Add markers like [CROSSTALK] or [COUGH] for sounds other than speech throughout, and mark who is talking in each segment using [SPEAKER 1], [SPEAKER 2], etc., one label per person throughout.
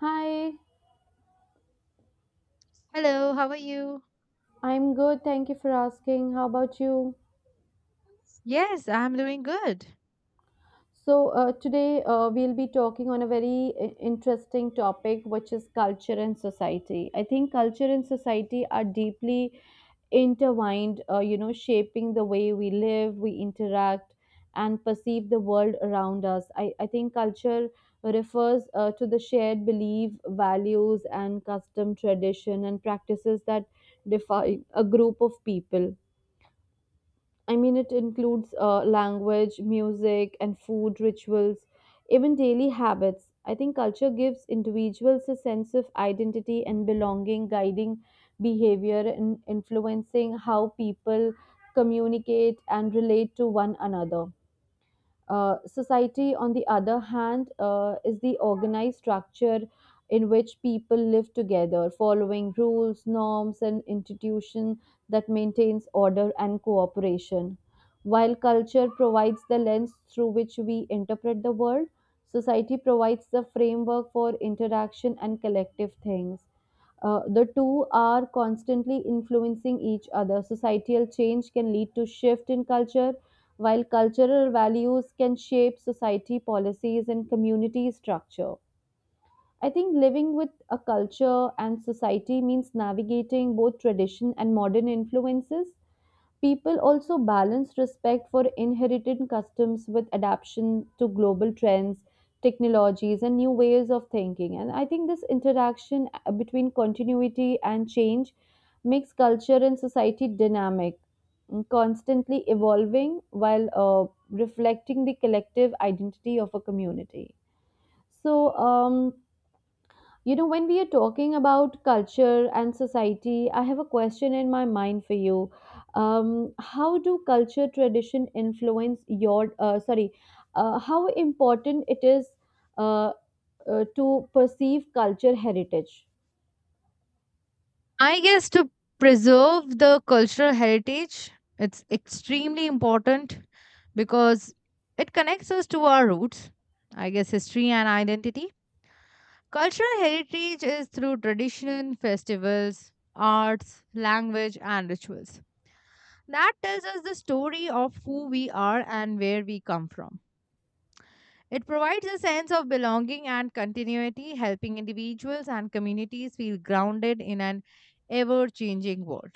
[SPEAKER 1] Hi,
[SPEAKER 2] Hello, how are you?
[SPEAKER 1] I'm good. Thank you for asking. How about you?
[SPEAKER 2] Yes, I'm doing good.
[SPEAKER 1] So, today we'll be talking on a very interesting topic, which is culture and society. I think culture and society are deeply intertwined, shaping the way we live, we interact, and perceive the world around us. I think culture refers to the shared belief, values, and custom, tradition, and practices that define a group of people. I mean, it includes language, music, and food rituals, even daily habits. I think culture gives individuals a sense of identity and belonging, guiding behavior and influencing how people communicate and relate to one another. Society, on the other hand, is the organized structure in which people live together, following rules, norms, and institution that maintains order and cooperation. While culture provides the lens through which we interpret the world, society provides the framework for interaction and collective things. The two are constantly influencing each other. Societal change can lead to shift in culture, while cultural values can shape society policies and community structure. I think living with a culture and society means navigating both tradition and modern influences. People also balance respect for inherited customs with adaptation to global trends, technologies, and new ways of thinking. And I think this interaction between continuity and change makes culture and society dynamic, constantly evolving while reflecting the collective identity of a community. So, when we are talking about culture and society, I have a question in my mind for you. How do culture tradition influence your, sorry, how important it is uh, to perceive culture heritage?
[SPEAKER 2] I guess to preserve the cultural heritage, it's extremely important because it connects us to our roots, I guess history and identity. Cultural heritage is through tradition, festivals, arts, language, and rituals. That tells us the story of who we are and where we come from. It provides a sense of belonging and continuity, helping individuals and communities feel grounded in an ever changing world.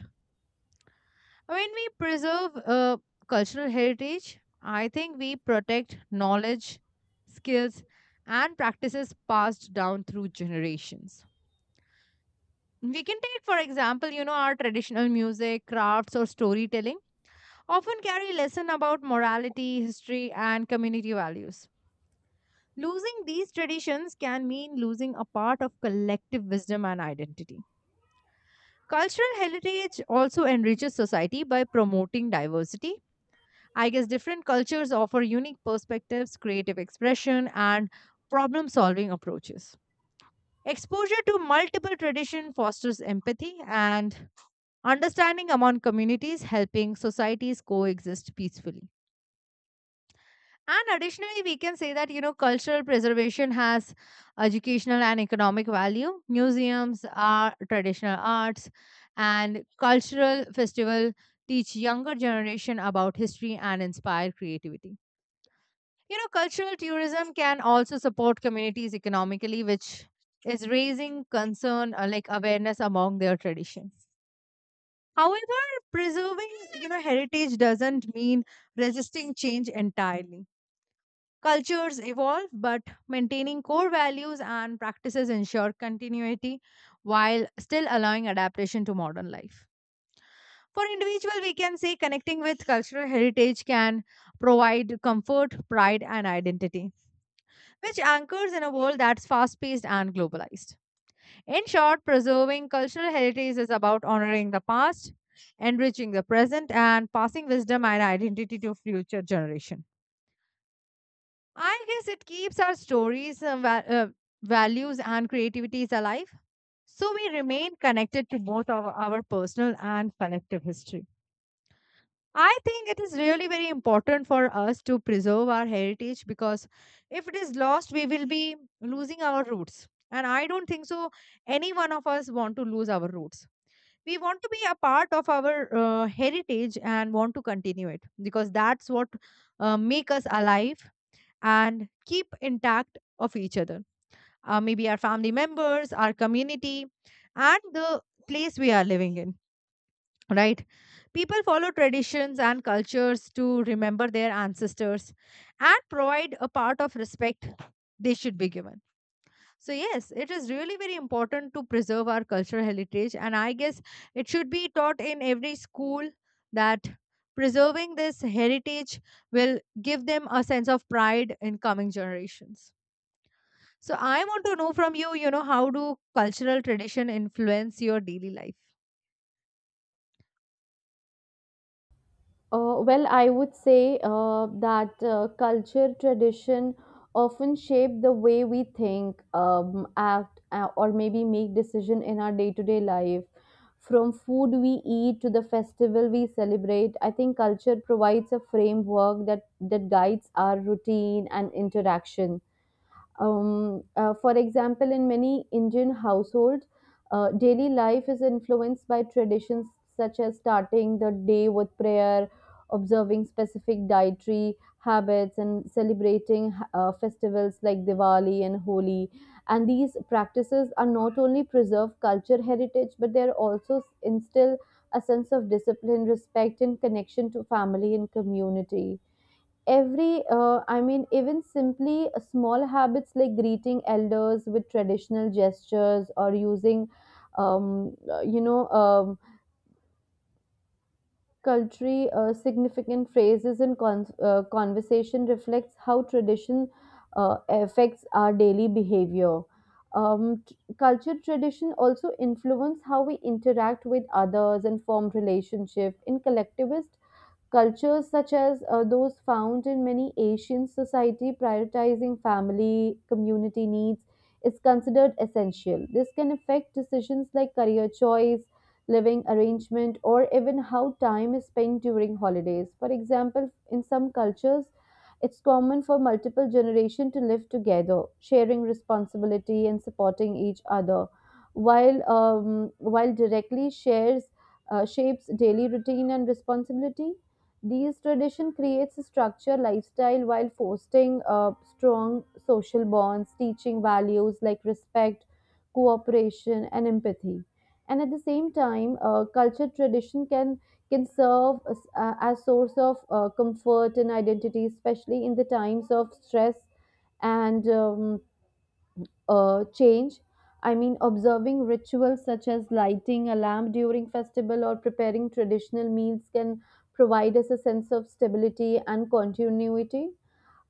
[SPEAKER 2] When we preserve cultural heritage, I think we protect knowledge, skills, and practices passed down through generations. We can take, for example, our traditional music, crafts, or storytelling often carry lesson about morality, history, and community values. Losing these traditions can mean losing a part of collective wisdom and identity. Cultural heritage also enriches society by promoting diversity. I guess different cultures offer unique perspectives, creative expression, and problem solving approaches. Exposure to multiple traditions fosters empathy and understanding among communities, helping societies coexist peacefully. And additionally, we can say that, cultural preservation has educational and economic value. Museums are traditional arts and cultural festival teach younger generation about history and inspire creativity. Cultural tourism can also support communities economically, which is raising concern like awareness among their traditions. However, preserving, heritage doesn't mean resisting change entirely. Cultures evolve, but maintaining core values and practices ensure continuity while still allowing adaptation to modern life. For individual, we can say connecting with cultural heritage can provide comfort, pride, and identity, which anchors in a world that's fast paced and globalized. In short, preserving cultural heritage is about honoring the past, enriching the present, and passing wisdom and identity to future generations. I guess it keeps our stories, values, and creativities alive. So we remain connected to both of our personal and collective history. I think it is really very important for us to preserve our heritage because if it is lost, we will be losing our roots. And I don't think so, any one of us want to lose our roots. We want to be a part of our heritage and want to continue it because that's what make us alive and keep intact of each other, maybe our family members, our community, and the place we are living in, right? People follow traditions and cultures to remember their ancestors and provide a part of respect they should be given. So yes, it is really very important to preserve our cultural heritage, and I guess it should be taught in every school that preserving this heritage will give them a sense of pride in coming generations. So I want to know from you, how do cultural tradition influence your daily life?
[SPEAKER 1] Well, I would say that culture, tradition often shape the way we think, act, or maybe make decision in our day-to-day life. From food we eat to the festival we celebrate, I think culture provides a framework that guides our routine and interaction. For example, in many Indian households, daily life is influenced by traditions such as starting the day with prayer, observing specific dietary habits, and celebrating festivals like Diwali and Holi. And these practices are not only preserve culture heritage, but they are also instill a sense of discipline, respect, and connection to family and community. Every I mean, even simply small habits like greeting elders with traditional gestures or using um, uh, you know um, culturally significant phrases in conversation reflects how tradition affects our daily behavior. Um, t- culture tradition also influence how we interact with others and form relationship in collectivist cultures such as those found in many Asian society. Prioritizing family, community needs is considered essential. This can affect decisions like career choice, living arrangement, or even how time is spent during holidays. For example, in some cultures, it's common for multiple generations to live together, sharing responsibility and supporting each other, while directly shares shapes daily routine and responsibility. These tradition creates a structure lifestyle while fostering strong social bonds, teaching values like respect, cooperation, and empathy. And at the same time, culture tradition can serve as source of comfort and identity, especially in the times of stress and change. I mean, observing rituals such as lighting a lamp during festival or preparing traditional meals can provide us a sense of stability and continuity.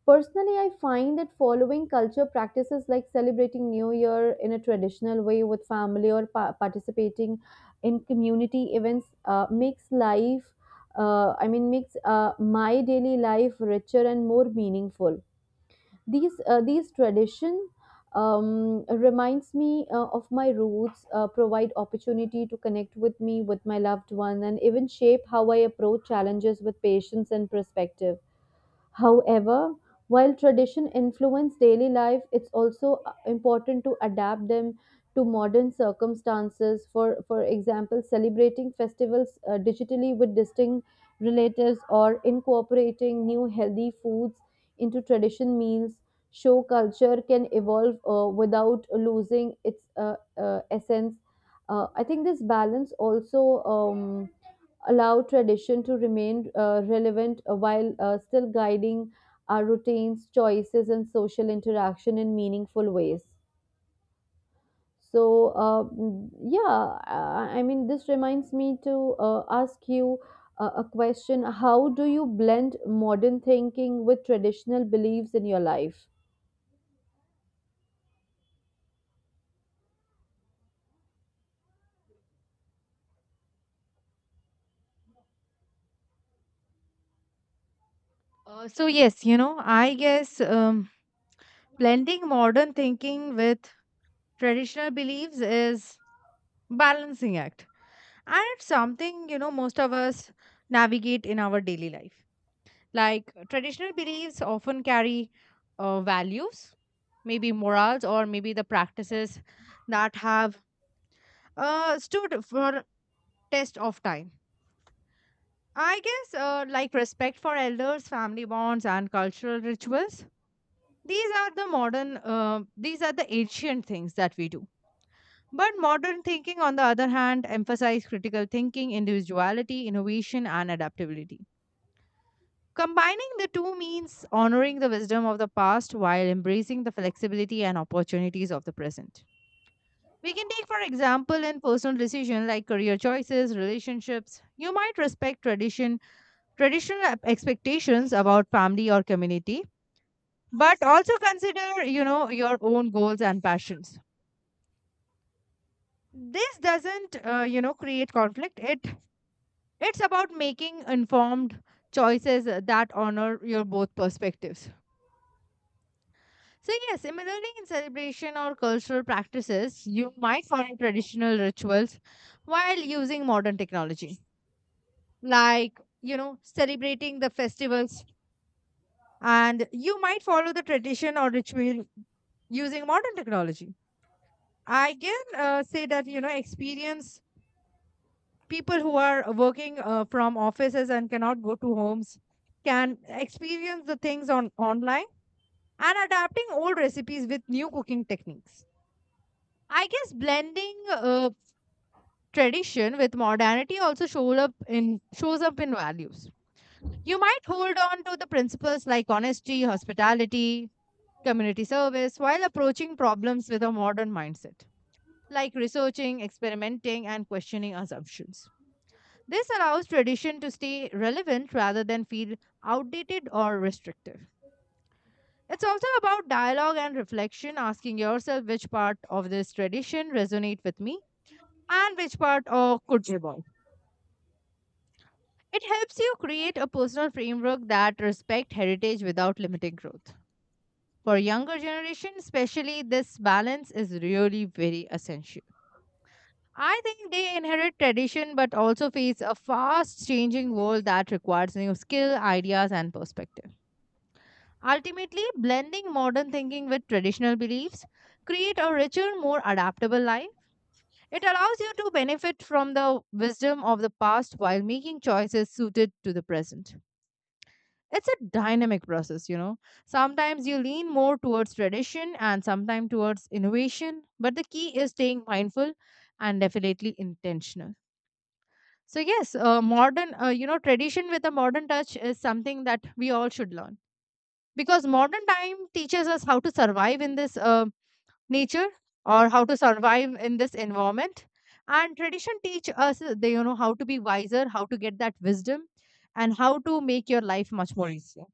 [SPEAKER 1] Personally, I find that following culture practices like celebrating New Year in a traditional way with family or participating in community events makes life, I mean, makes my daily life richer and more meaningful. These tradition reminds me of my roots, provide opportunity to connect with me, with my loved one, and even shape how I approach challenges with patience and perspective. However, while tradition influence daily life, it's also important to adapt them to modern circumstances. For example, celebrating festivals digitally with distinct relatives or incorporating new healthy foods into tradition meals show culture can evolve without losing its essence. I think this balance also. Allow tradition to remain relevant while still guiding our routines, choices, and social interaction in meaningful ways. So, yeah, I mean, this reminds me to ask you a question. How do you blend modern thinking with traditional beliefs in your life?
[SPEAKER 2] So yes, I guess blending modern thinking with traditional beliefs is balancing act, and it's something, most of us navigate in our daily life. Like traditional beliefs often carry values, maybe morals, or maybe the practices that have stood for test of time. I guess like respect for elders, family bonds, and cultural rituals. These are the modern. These are the ancient things that we do. But modern thinking, on the other hand, emphasizes critical thinking, individuality, innovation, and adaptability. Combining the two means honoring the wisdom of the past while embracing the flexibility and opportunities of the present. We can take, for example, in personal decision like career choices, relationships. You might respect tradition, traditional expectations about family or community, but also consider, your own goals and passions. This doesn't, create conflict. It's about making informed choices that honor your both perspectives. So, yes, similarly in celebration or cultural practices, you might find traditional rituals while using modern technology, like, celebrating the festivals, and you might follow the tradition or ritual using modern technology. I can say that, experience people who are working from offices and cannot go to homes can experience the things on online and adapting old recipes with new cooking techniques. I guess blending tradition with modernity also shows up in values. You might hold on to the principles like honesty, hospitality, community service while approaching problems with a modern mindset, like researching, experimenting, and questioning assumptions. This allows tradition to stay relevant rather than feel outdated or restrictive. It's also about dialogue and reflection, asking yourself which part of this tradition resonate with me and which part could evolve. It helps you create a personal framework that respect heritage without limiting growth. For younger generation, especially, this balance is really very essential. I think they inherit tradition but also face a fast changing world that requires new skill, ideas and perspective. Ultimately, blending modern thinking with traditional beliefs create a richer, more adaptable life. It allows you to benefit from the wisdom of the past while making choices suited to the present. It's a dynamic process. Sometimes you lean more towards tradition and sometimes towards innovation, but the key is staying mindful and definitely intentional. So yes, modern, tradition with a modern touch is something that we all should learn, because modern time teaches us how to survive in this nature, or how to survive in this environment, and tradition teach us, they you know how to be wiser, how to get that wisdom, and how to make your life much more easier.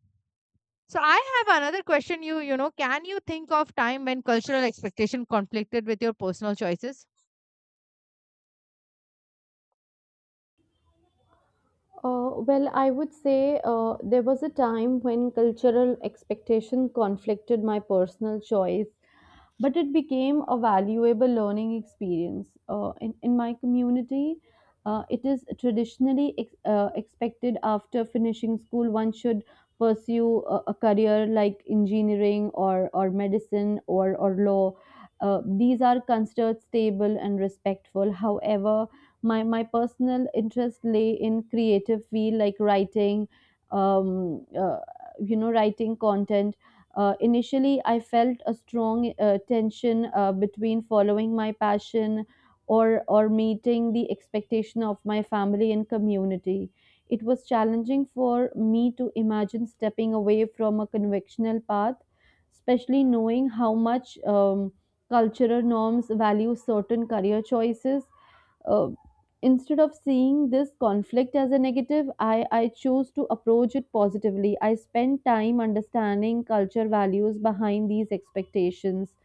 [SPEAKER 2] So I have another question, can you think of time when cultural expectation conflicted with your personal choices?
[SPEAKER 1] Well, I would say there was a time when cultural expectation conflicted my personal choice, but it became a valuable learning experience. In my community, it is traditionally expected after finishing school, one should pursue a career like engineering or medicine or law. These are considered stable and respectful. However, my personal interest lay in creative field like writing, um, uh, writing content. Uh, initially I felt a strong tension between following my passion or meeting the expectation of my family and community. It was challenging for me to imagine stepping away from a conventional path, especially knowing how much cultural norms value certain career choices. Uh, instead of seeing this conflict as a negative, I chose to approach it positively. I spent time understanding culture values behind these expectations.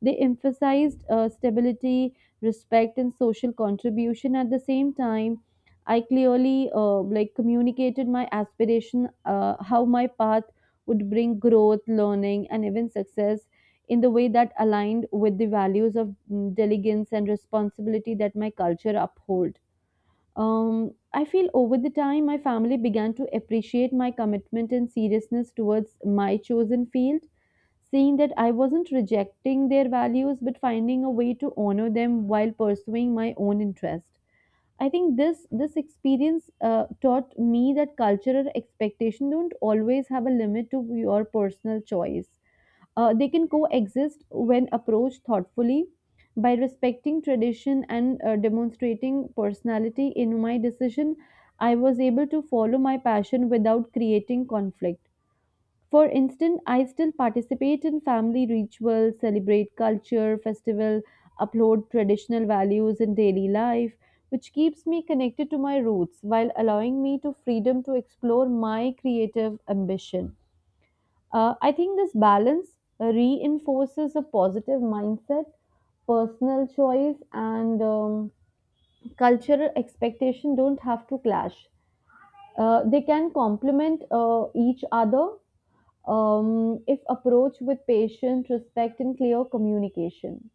[SPEAKER 1] They emphasized stability, respect, and social contribution at the same time. I clearly like communicated my aspiration, how my path would bring growth, learning, and even success in the way that aligned with the values of diligence and responsibility that my culture uphold. I feel over the time, my family began to appreciate my commitment and seriousness towards my chosen field, seeing that I wasn't rejecting their values but finding a way to honor them while pursuing my own interest. I think this experience taught me that cultural expectation don't always have a limit to your personal choice. They can coexist when approached thoughtfully. By respecting tradition and demonstrating personality in my decision, I was able to follow my passion without creating conflict. For instance, I still participate in family rituals, celebrate culture, festival, uphold traditional values in daily life, which keeps me connected to my roots while allowing me to freedom to explore my creative ambition. I think this balance reinforces a positive mindset, personal choice, and cultural expectation don't have to clash. They can complement each other if approached with patient, respect, and clear communication.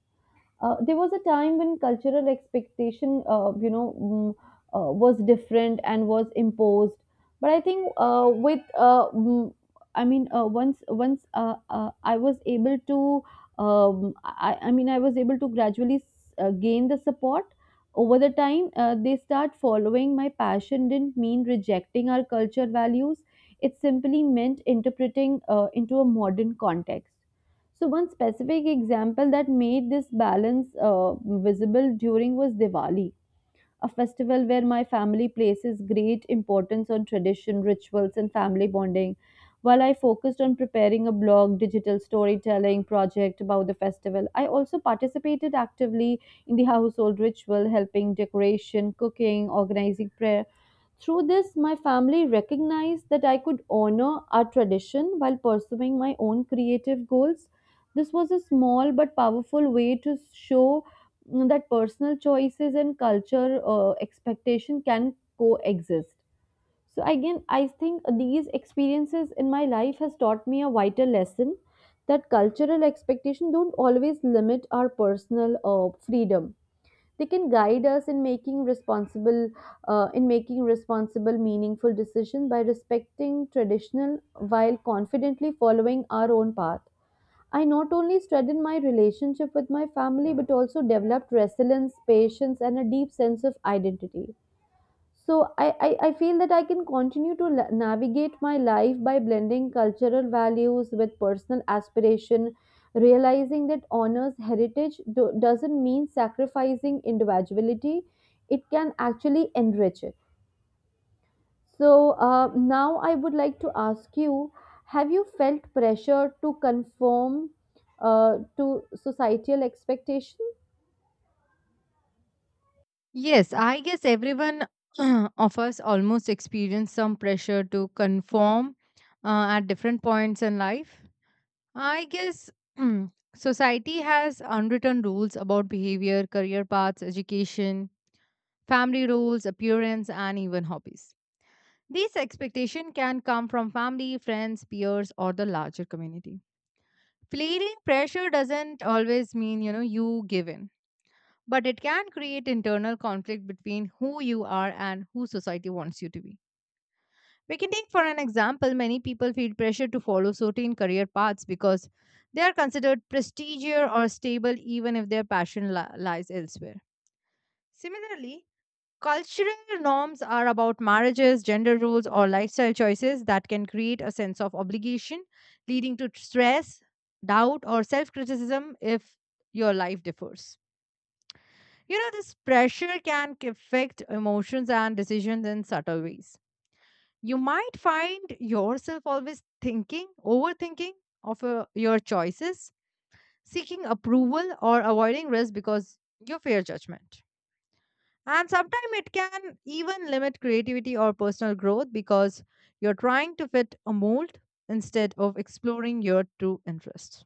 [SPEAKER 1] There was a time when cultural expectation, was different and was imposed. But I think I mean, once once I was able to, I mean, I was able to gradually gain the support. Over the time, they start following my passion. Didn't mean rejecting our culture values. It simply meant interpreting into a modern context. So, one specific example that made this balance visible during was Diwali, a festival where my family places great importance on tradition, rituals, and family bonding. While I focused on preparing a blog, digital storytelling project about the festival, I also participated actively in the household ritual, helping decoration, cooking, organizing prayer. Through this, my family recognized that I could honor our tradition while pursuing my own creative goals. This was a small but powerful way to show that personal choices and culture expectation can coexist. So again, I think these experiences in my life has taught me a vital lesson that cultural expectation don't always limit our personal freedom. They can guide us in making responsible meaningful decisions. By respecting traditional while confidently following our own path, I not only strengthened my relationship with my family but also developed resilience, patience, and a deep sense of identity. So I feel that I can continue to navigate my life by blending cultural values with personal aspiration, realizing that honors heritage doesn't mean sacrificing individuality. It can actually enrich it. So now I would like to ask you: have you felt pressure to conform to societal expectations?
[SPEAKER 2] Yes, I guess everyone [CLEARS THROAT] of us almost experience some pressure to conform at different points in life. I guess [CLEARS THROAT] society has unwritten rules about behavior, career paths, education, family roles, appearance and even hobbies. These expectations can come from family, friends, peers or the larger community. Feeling pressure doesn't always mean, you give in, but it can create internal conflict between who you are and who society wants you to be. We can take for an example, many people feel pressure to follow certain career paths because they are considered prestigious or stable even if their passion lies elsewhere. Similarly, cultural norms are about marriages, gender roles, or lifestyle choices that can create a sense of obligation, leading to stress, doubt, or self criticism if your life differs. This pressure can affect emotions and decisions in subtle ways. You might find yourself always thinking, overthinking of your choices, seeking approval, or avoiding risk because you fear judgment. And sometimes it can even limit creativity or personal growth because you're trying to fit a mold instead of exploring your true interests.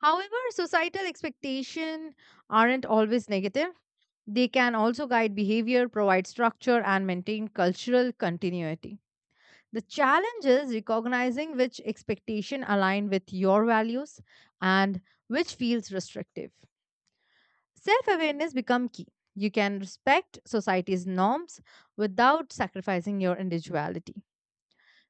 [SPEAKER 2] However, societal expectations aren't always negative. They can also guide behavior, provide structure, and maintain cultural continuity. The challenge is recognizing which expectation align with your values and which feels restrictive. Self awareness become key. You can respect society's norms without sacrificing your individuality.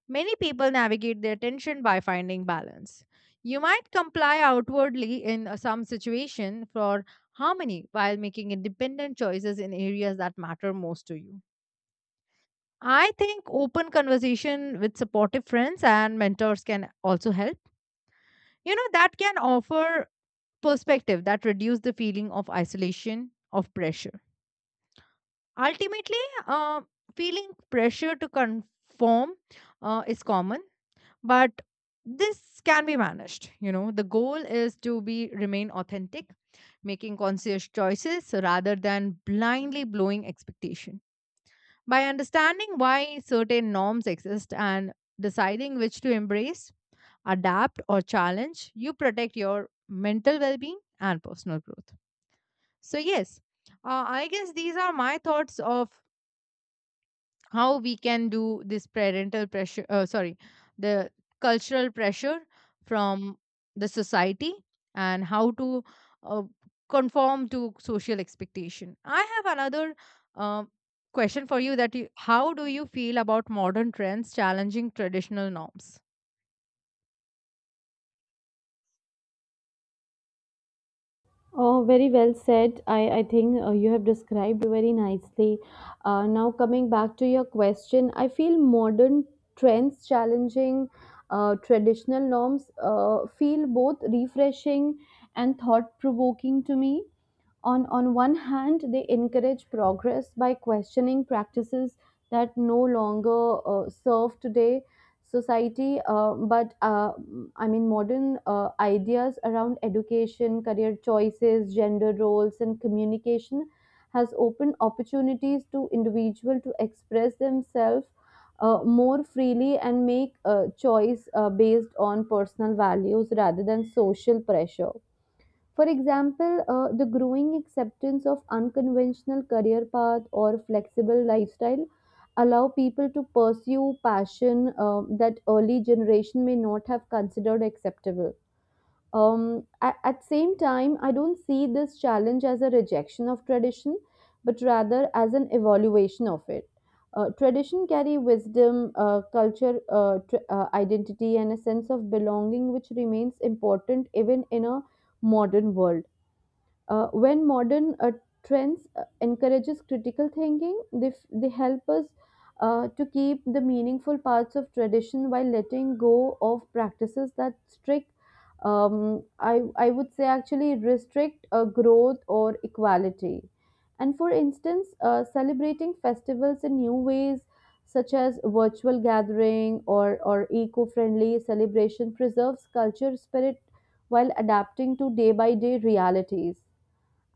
[SPEAKER 2] Many people navigate their tension by finding balance. You might comply outwardly in some situation for harmony while making independent choices in areas that matter most to you. I think open conversation with supportive friends and mentors can also help. That can offer perspective that reduce the feeling of isolation, of pressure. Ultimately, uh, feeling pressure to conform is common, but this can be managed. The goal is to be remain authentic, making conscious choices rather than blindly blowing expectation. By understanding why certain norms exist and deciding which to embrace, adapt, or challenge, you protect your mental well being and personal growth. So, yes, I guess these are my thoughts of how we can do this parental pressure, sorry, the cultural pressure from the society, and how to uh, conform to social expectation. I have another uh, question for you, how do you feel about modern trends challenging traditional norms?
[SPEAKER 1] Oh, very well said. I think you have described very nicely. Now, coming back to your question, I feel modern trends challenging traditional norms feel both refreshing and thought provoking to me. On one hand, they encourage progress by questioning practices that no longer serve today society but modern ideas around education career choices gender roles and communication has opened opportunities to individual to express themselves more freely and make a choice based on personal values rather than social pressure. For example, the growing acceptance of unconventional career path or flexible lifestyle allow people to pursue passion that early generation may not have considered acceptable. At same time, I don't see this challenge as a rejection of tradition, but rather as an evaluation of it. Tradition carry wisdom, culture, identity, and a sense of belonging, which remains important even in a modern world. When modern trends encourages critical thinking, they help us to keep the meaningful parts of tradition while letting go of practices that strict, um, I would say actually restrict growth or equality. And for instance, celebrating festivals in new ways, such as virtual gathering or eco-friendly celebration preserves culture spirit while adapting to day by day realities.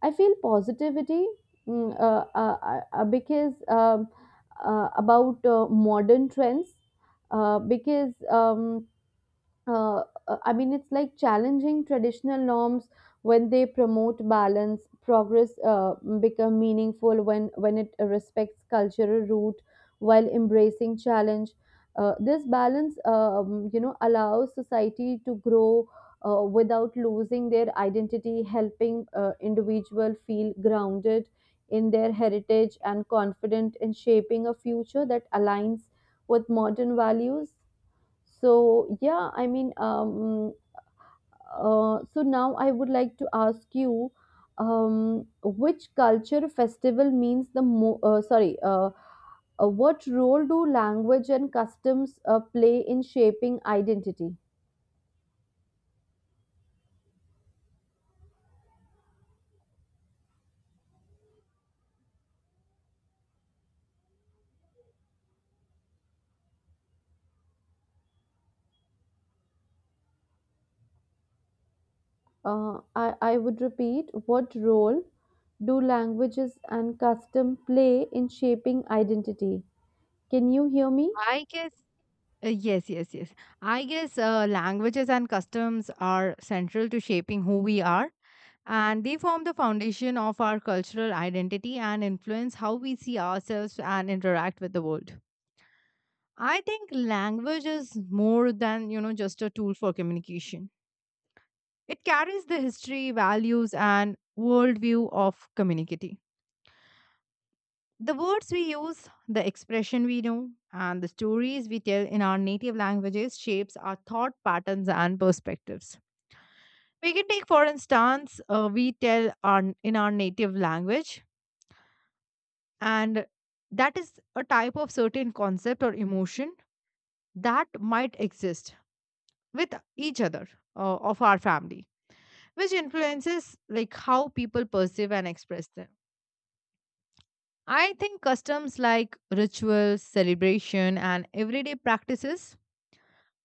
[SPEAKER 1] I feel positivity because about modern trends because uh, I mean, it's like challenging traditional norms when they promote balance. Progress become meaningful when it respects cultural root while embracing challenge. This balance, allows society to grow without losing their identity, helping individual feel grounded in their heritage and confident in shaping a future that aligns with modern values. So, yeah, I mean, so now I would like to ask you which culture festival means what role do language and customs play in shaping identity? I would repeat, what role do languages and custom play in shaping identity? Can you hear me?
[SPEAKER 2] I guess yes, yes, yes. I guess languages and customs are central to shaping who we are, and they form the foundation of our cultural identity and influence how we see ourselves and interact with the world. I think language is more than, just a tool for communication. It carries the history, values, and worldview of community. The words we use, the expression we know, and the stories we tell in our native languages shapes our thought patterns and perspectives. We can take, for instance, we tell in our native language, and that is a type of certain concept or emotion that might exist with each other of our family, which influences like how people perceive and express them. I think customs like rituals, celebration, and everyday practices,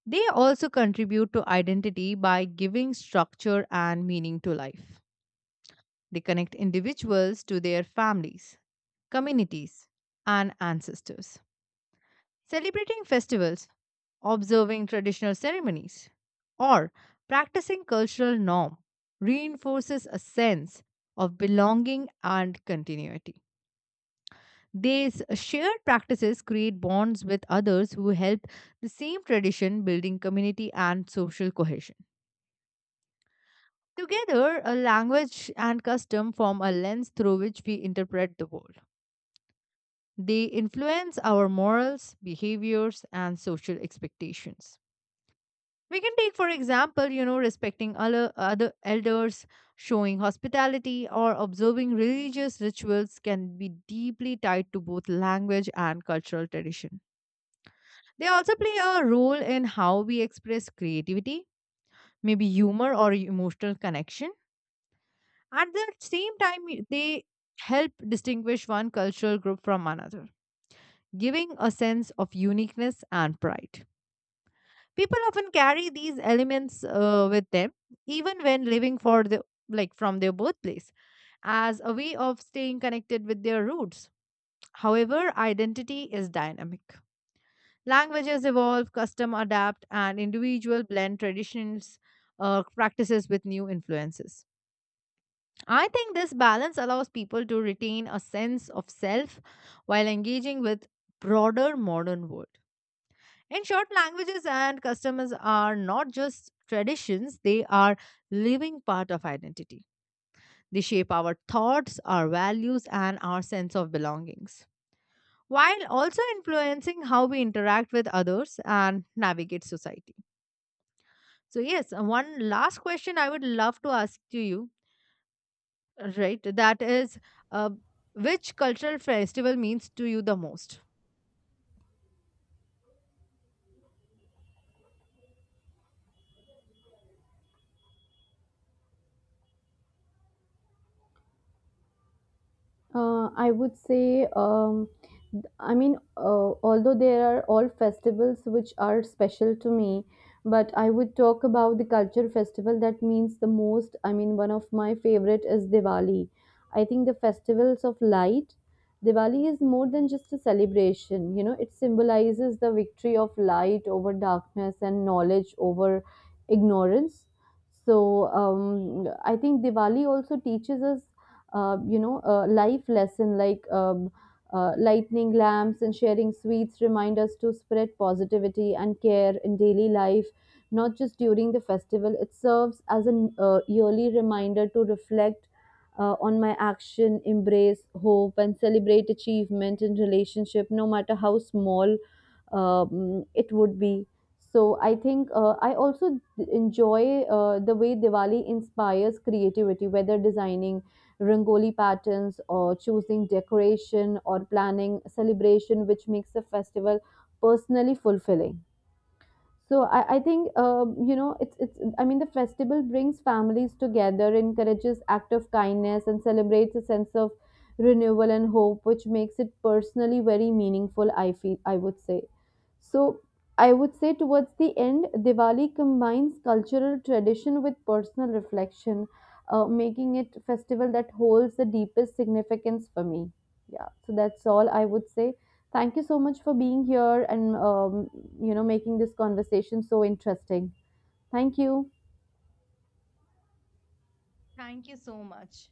[SPEAKER 2] they also contribute to identity by giving structure and meaning to life. They connect individuals to their families, communities, and ancestors, celebrating festivals, observing traditional ceremonies, or practicing cultural norm reinforces a sense of belonging and continuity. These shared practices create bonds with others who help the same tradition, building community and social cohesion. Together, a language and custom form a lens through which we interpret the world. They influence our morals, behaviors, and social expectations. We can take, for example, respecting other elders, showing hospitality, or observing religious rituals can be deeply tied to both language and cultural tradition. They also play a role in how we express creativity, maybe humor or emotional connection. At the same time, they help distinguish one cultural group from another, giving a sense of uniqueness and pride. People often carry these elements with them, even when living for the like from their birthplace, as a way of staying connected with their roots. However, identity is dynamic. Languages evolve, custom adapt, and individual blend traditions, practices with new influences. I think this balance allows people to retain a sense of self while engaging with broader modern world. In short, languages and customs are not just traditions, they are living part of identity. They shape our thoughts, our values, and our sense of belongings, while also influencing how we interact with others and navigate society. So, yes, one last question I would love to ask to you, right? That is, uh, which cultural festival means to you the most?
[SPEAKER 1] I would say, I mean, although there are all festivals which are special to me, but I would talk about the culture festival that means the most. I mean, one of my favorite is Diwali. I think the festivals of light. Diwali is more than just a celebration, you know, it symbolizes the victory of light over darkness and knowledge over ignorance. So, I think Diwali also teaches us you know life lesson like lightning lamps and sharing sweets remind us to spread positivity and care in daily life, not just during the festival. It serves as an yearly reminder to reflect on my action, embrace hope and celebrate achievement in relationship, no matter how small it would be. So I think I also enjoy the way Diwali inspires creativity, whether designing rangoli patterns or choosing decoration or planning celebration, which makes the festival personally fulfilling. So I think you know it's I mean the festival brings families together, encourages act of kindness, and celebrates a sense of renewal and hope, which makes it personally very meaningful. I feel, I would say. So I would say towards the end, Diwali combines cultural tradition with personal reflection, making it a festival that holds the deepest significance for me. Yeah, so that's all I would say. Thank you so much for being here and you know making this conversation so interesting. Thank you.
[SPEAKER 2] Thank you so much.